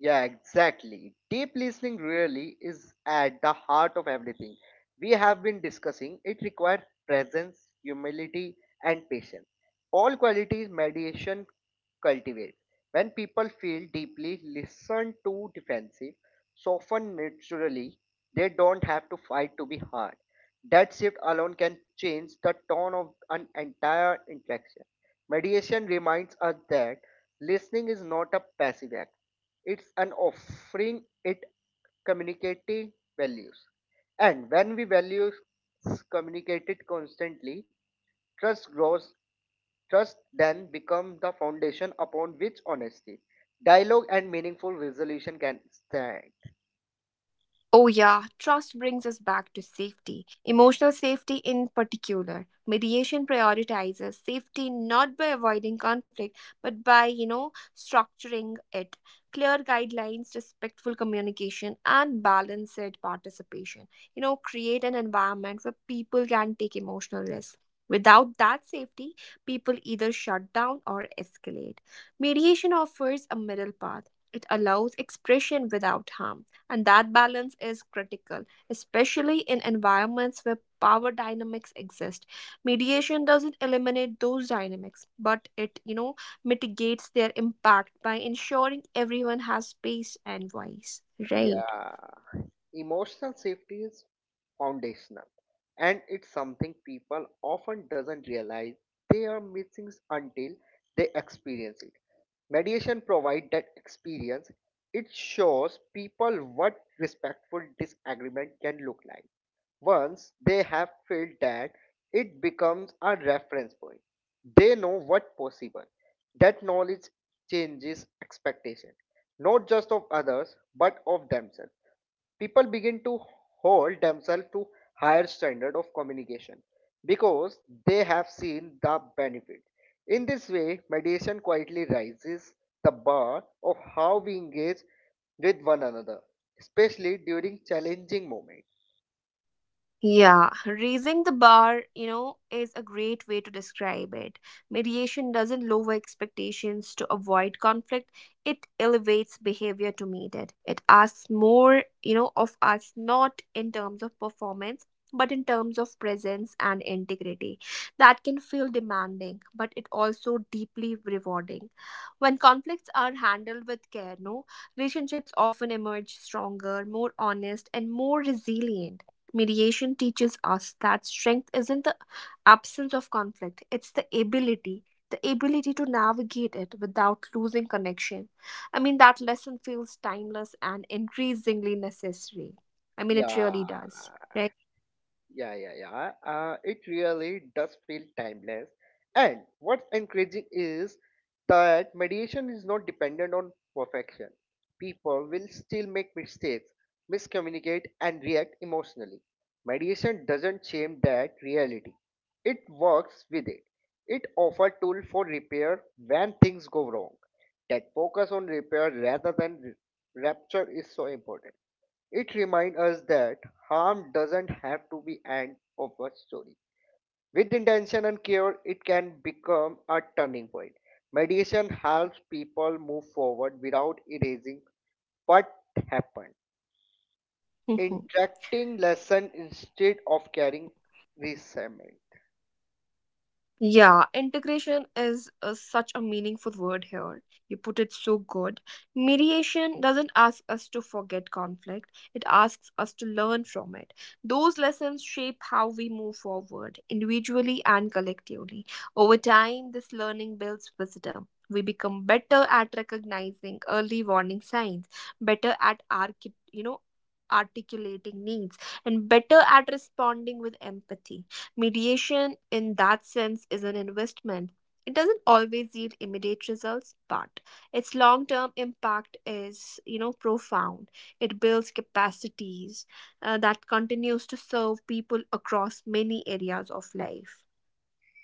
Speaker 2: Yeah, exactly. Deep listening really is at the heart of everything we have been discussing. It requires presence, humility, and patience. All qualities mediation cultivates. When people feel deeply listened to defensive, soften naturally, they don't have to fight to be heard. That shift alone can change the tone of an entire interaction. Mediation reminds us that listening is not a passive act, it's an offering, it communicating values. And when we value communicate it constantly, trust grows, trust then becomes the foundation upon which honesty, dialogue, and meaningful resolution can stand.
Speaker 1: Oh, yeah, trust brings us back to safety, emotional safety in particular. Mediation prioritizes safety not by avoiding conflict, but by, structuring it. Clear guidelines, respectful communication, and balanced participation. Create an environment where people can take emotional risks. Without that safety, people either shut down or escalate. Mediation offers a middle path. It allows expression without harm, and that balance is critical, especially in environments where power dynamics exist. Mediation doesn't eliminate those dynamics, but it, mitigates their impact by ensuring everyone has space and voice. Right.
Speaker 2: Yeah. Emotional safety is foundational and it's something people often doesn't realize they are missing until they experience it. Mediation provides that experience. It shows people what respectful disagreement can look like. Once they have felt that, it becomes a reference point. They know what possible. That knowledge changes expectation, not just of others, but of themselves people begin to hold themselves to higher standard of communication because they have seen the benefit in this way mediation quietly raises the bar of how we engage with one another especially during challenging moments.
Speaker 1: Yeah, raising the bar, is a great way to describe it. Mediation doesn't lower expectations to avoid conflict, it elevates behavior to meet it. It asks more, of us, not in terms of performance, but in terms of presence and integrity. That can feel demanding, but it also deeply rewarding. When conflicts are handled with care, no, relationships often emerge stronger, more honest, and more resilient. Mediation teaches us that strength isn't the absence of conflict, it's the ability to navigate it without losing connection. I mean, that lesson feels timeless and increasingly necessary. I mean, it
Speaker 2: Yeah.
Speaker 1: really does, right?
Speaker 2: Yeah. It really does feel timeless. And what's encouraging is that mediation is not dependent on perfection. People will still make mistakes, miscommunicate, and react emotionally. Mediation doesn't shame that reality. It works with it. It offers tool for repair when things go wrong. That focus on repair rather than rupture is so important. It reminds us that harm doesn't have to be end of a story. With intention and care, it can become a turning point. Mediation helps people move forward without erasing what happened.
Speaker 1: [laughs]
Speaker 2: Interacting lesson instead of carrying resentment.
Speaker 1: Yeah, integration is such a meaningful word here. You put it so good. Mediation doesn't ask us to forget conflict, it asks us to learn from it. Those lessons shape how we move forward, individually and collectively. Over time, this learning builds wisdom. We become better at recognizing early warning signs, better at articulating needs, and better at responding with empathy. Mediation, in that sense, is an investment. It doesn't always yield immediate results, but its long term impact is, profound. It builds capacities that continues to serve people across many areas of life.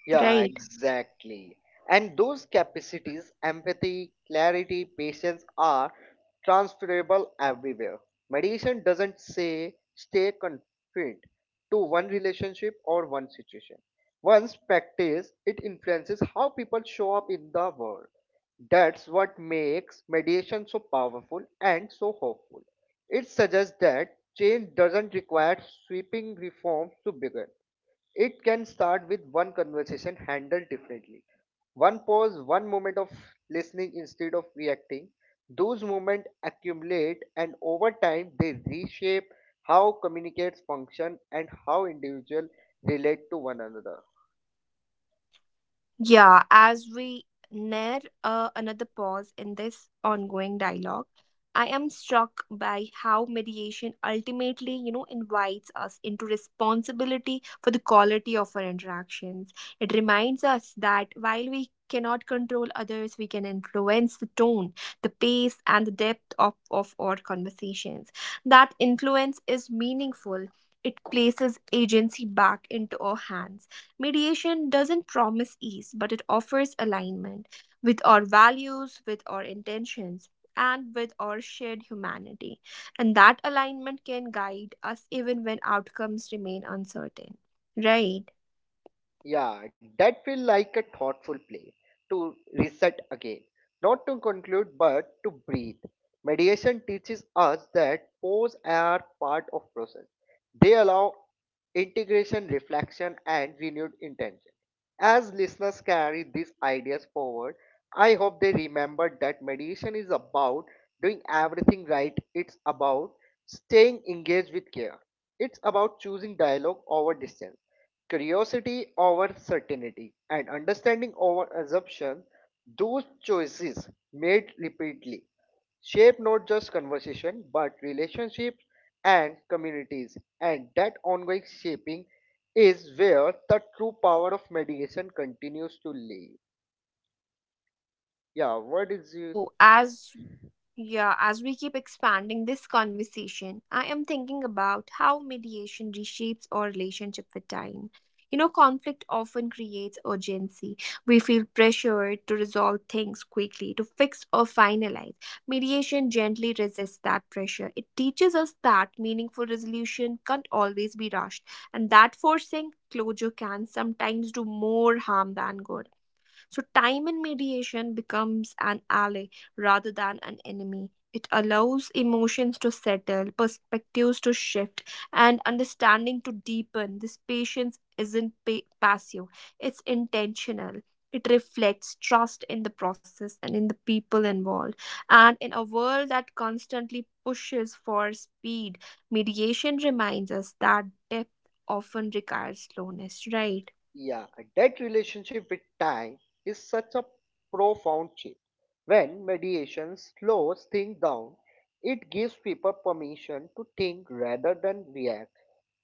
Speaker 2: Yeah,
Speaker 1: Right.
Speaker 2: exactly. And those capacities, empathy, clarity, patience are transferable everywhere. Meditation doesn't say stay confined to one relationship or one situation. Once practiced, it influences how people show up in the world. That's what makes meditation so powerful and so hopeful. It suggests that change doesn't require sweeping reforms to begin. It can start with one conversation handled differently. One pause, one moment of listening instead of reacting. Those moments accumulate and over time they reshape how communicates function and how individuals relate to one another.
Speaker 1: Yeah, as we near another pause in this ongoing dialogue, I am struck by how mediation ultimately, invites us into responsibility for the quality of our interactions. It reminds us that while we cannot control others, we can influence the tone, the pace, and the depth of our conversations. That influence is meaningful. It places agency back into our hands. Mediation doesn't promise ease, but it offers alignment with our values, with our intentions, and with our shared humanity. And that alignment can guide us even when outcomes remain uncertain. Right?
Speaker 2: Yeah, that feel like a thoughtful play to reset again, not to conclude but to breathe. Mediation teaches us that pause are part of process. They allow integration, reflection, and renewed intention. As listeners carry these ideas forward, I hope they remember that mediation is about doing everything right. It's about staying engaged with care. It's about choosing dialogue over distance, curiosity over certainty, and understanding over assumption. Those choices made repeatedly shape not just conversation but relationships and communities, and that ongoing shaping is where the true power of mediation continues to live. yeah what is you
Speaker 1: Oh, as Yeah, as we keep expanding this conversation, I am thinking about how mediation reshapes our relationship with time. You know, conflict often creates urgency. We feel pressured to resolve things quickly, to fix or finalize. Mediation gently resists that pressure. It teaches us that meaningful resolution can't always be rushed, and that forcing closure can sometimes do more harm than good. So, time in mediation becomes an ally rather than an enemy. It allows emotions to settle, perspectives to shift, and understanding to deepen. This patience isn't passive, it's intentional. It reflects trust in the process and in the people involved. And in a world that constantly pushes for speed, mediation reminds us that depth often requires slowness, right?
Speaker 2: Yeah, that relationship with time is such a profound shift. When mediation slows things down, it gives people permission to think rather than react.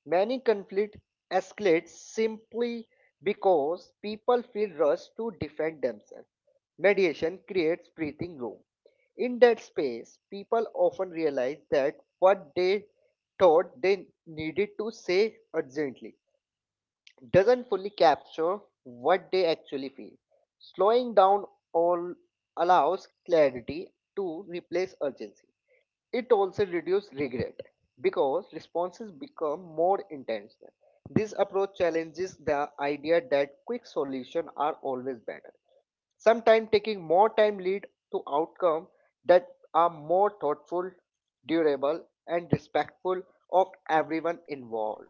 Speaker 2: Many conflict escalates simply because people feel rushed to defend themselves. Mediation creates breathing room. In that space, people often realize that what they thought they needed to say urgently doesn't fully capture what they actually feel. Slowing down all allows clarity to replace urgency. It also reduces regret because responses become more intentional. This approach challenges the idea that quick solutions are always better. Sometimes taking more time leads to outcomes that are more thoughtful, durable, and respectful of everyone involved.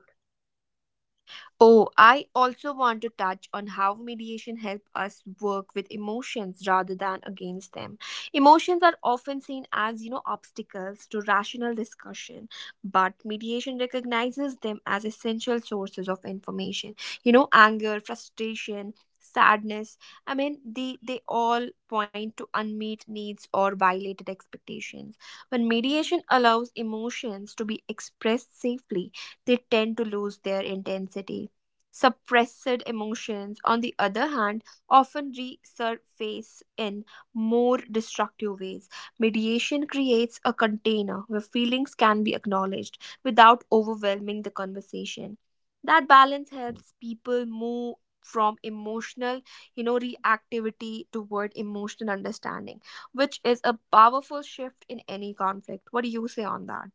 Speaker 1: Oh, I also want to touch on how mediation helps us work with emotions rather than against them. Emotions are often seen as, obstacles to rational discussion, but mediation recognizes them as essential sources of information. You know, anger, frustration, sadness. I mean, they all point to unmet needs or violated expectations. When mediation allows emotions to be expressed safely, they tend to lose their intensity. Suppressed emotions, on the other hand, often resurface in more destructive ways. Mediation creates a container where feelings can be acknowledged without overwhelming the conversation. That balance helps people move from emotional, reactivity toward emotional understanding, which is a powerful shift in any conflict. What do you say on that?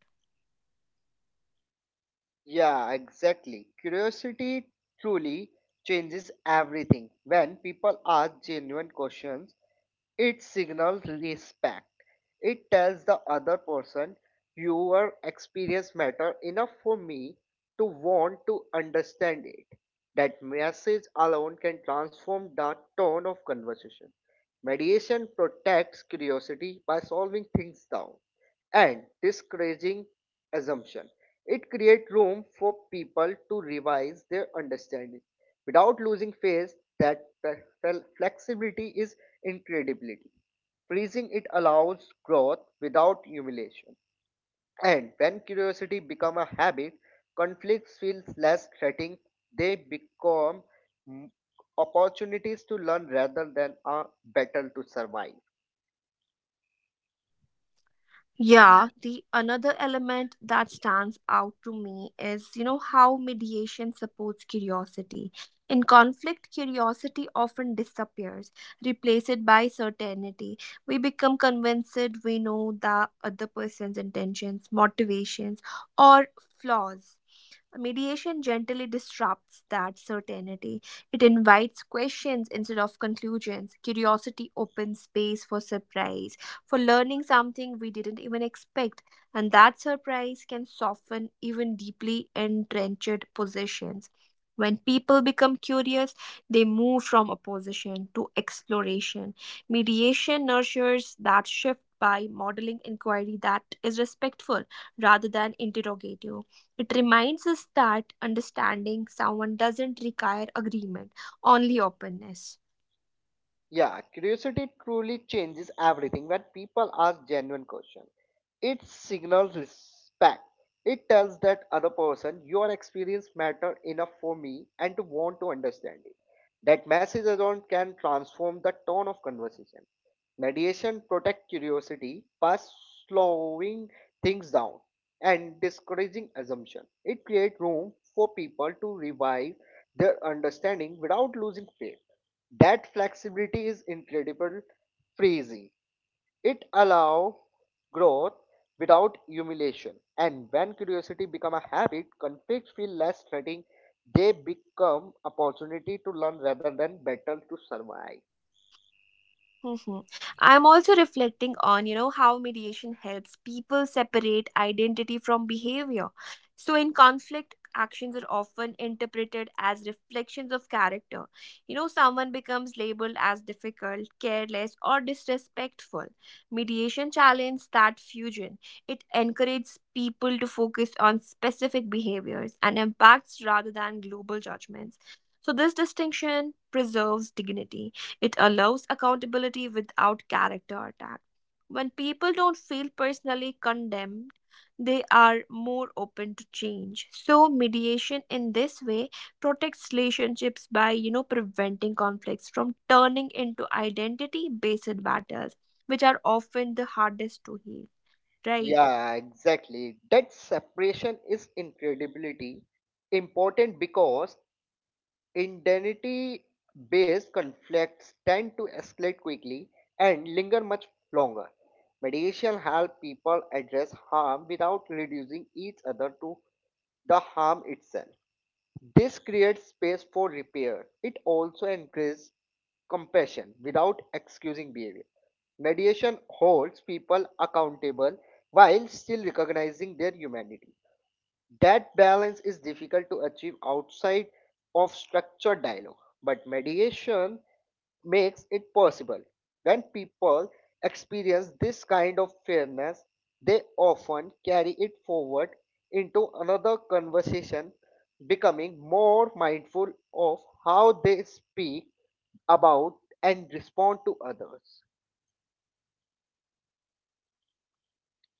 Speaker 2: Yeah, exactly. Curiosity truly changes everything. When people ask genuine questions, it signals respect. It tells the other person your experience matter enough for me to want to understand it. That message alone can transform the tone of conversation. Mediation protects curiosity by solving things down and discouraging assumption. It creates room for people to revise their understanding without losing faith that flexibility is incredibility. Freezing it allows growth without humiliation. And when curiosity becomes a habit, conflicts feel less threatening. They become mm, opportunities to learn rather than a battle to survive.
Speaker 1: Yeah, the another element that stands out to me is, how mediation supports curiosity. In conflict, curiosity often disappears, replaced by certainty. We become convinced we know the other person's intentions, motivations, or flaws. Mediation gently disrupts that certainty. It invites questions instead of conclusions. Curiosity opens space for surprise, for learning something we didn't even expect, and that surprise can soften even deeply entrenched positions. When people become curious, they move from opposition to exploration. Mediation nurtures that shift by modeling inquiry that is respectful rather than interrogative. It reminds us that understanding someone doesn't require agreement, only openness.
Speaker 2: Yeah, curiosity truly changes everything. When people ask genuine questions, it signals respect. It tells that other person your experience matter enough for me and to want to understand it. That message alone can transform the tone of conversation. Mediation protect curiosity by slowing things down and discouraging assumption. It creates room for people to revive their understanding without losing faith. That flexibility is incredible, crazy. It allows growth without humiliation. And when curiosity become a habit, conflicts feel less threatening. They become opportunity to learn rather than battle to survive.
Speaker 1: Mhm. I'm also reflecting on, how mediation helps people separate identity from behavior. So in conflict, actions are often interpreted as reflections of character. You know, someone becomes labeled as difficult, careless, or disrespectful. Mediation challenges that fusion. It encourages people to focus on specific behaviors and impacts rather than global judgments. So this distinction preserves dignity. It allows accountability without character attack. When people don't feel personally condemned, they are more open to change. So mediation in this way protects relationships by, preventing conflicts from turning into identity based battles, which are often the hardest to heal, right?
Speaker 2: Yeah, exactly. That separation is incredibly important because identity based conflicts tend to escalate quickly and linger much longer. Mediation helps people address harm without reducing each other to the harm itself. This creates space for repair. It also encourages compassion without excusing behavior. Mediation holds people accountable while still recognizing their humanity. That balance is difficult to achieve outside of structured dialogue, but mediation makes it possible. When people experience this kind of fairness, they often carry it forward into another conversation, becoming more mindful of how they speak about and respond to others.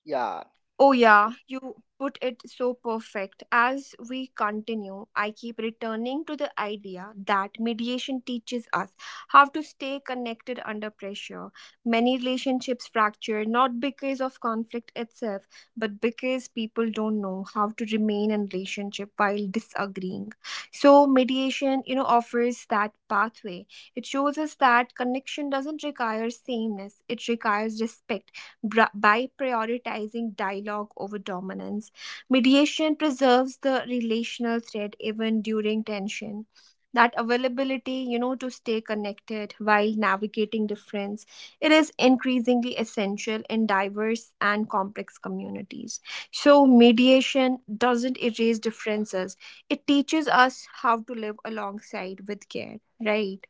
Speaker 2: Yeah,
Speaker 1: Oh, yeah, you put it so perfect. As we continue, I keep returning to the idea that mediation teaches us how to stay connected under pressure. Many relationships fracture not because of conflict itself, but because people don't know how to remain in relationship while disagreeing. So mediation, offers that pathway. It shows us that connection doesn't require sameness, it requires respect by prioritizing dialogue over dominance. Mediation preserves the relational thread even during tension. That availability, to stay connected while navigating difference, it is increasingly essential in diverse and complex communities. So, mediation doesn't erase differences, it teaches us how to live alongside with care, right?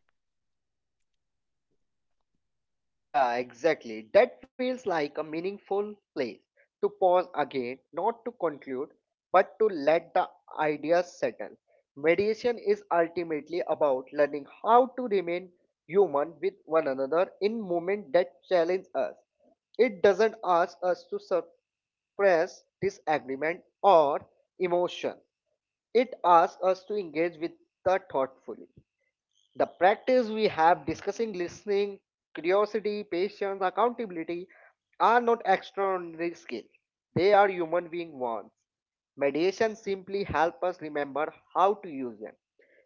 Speaker 2: Yeah, exactly. That feels like a meaningful place to pause again, not to conclude, but to let the ideas settle. Mediation is ultimately about learning how to remain human with one another in moments that challenge us. It doesn't ask us to suppress disagreement or emotion. It asks us to engage with the thoughtfully. The practice we have discussing listening, curiosity, patience, accountability are not extraordinary skills. They are human being wants. Mediation simply helps us remember how to use them,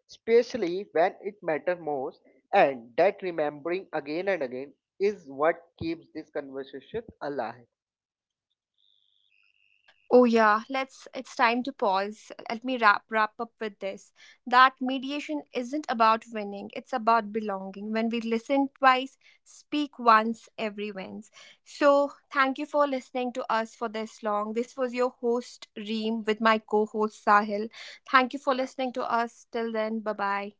Speaker 2: especially when it matters most, and that remembering again and again is what keeps this conversation alive.
Speaker 1: Oh yeah, let's It's time to pause. Let me wrap up with this. That mediation isn't about winning, it's about belonging. When we listen twice, speak once, every wins. So thank you for listening to us for this long. This was your host Reem with my co-host Sahil. Thank you for listening to us. Till then, bye bye.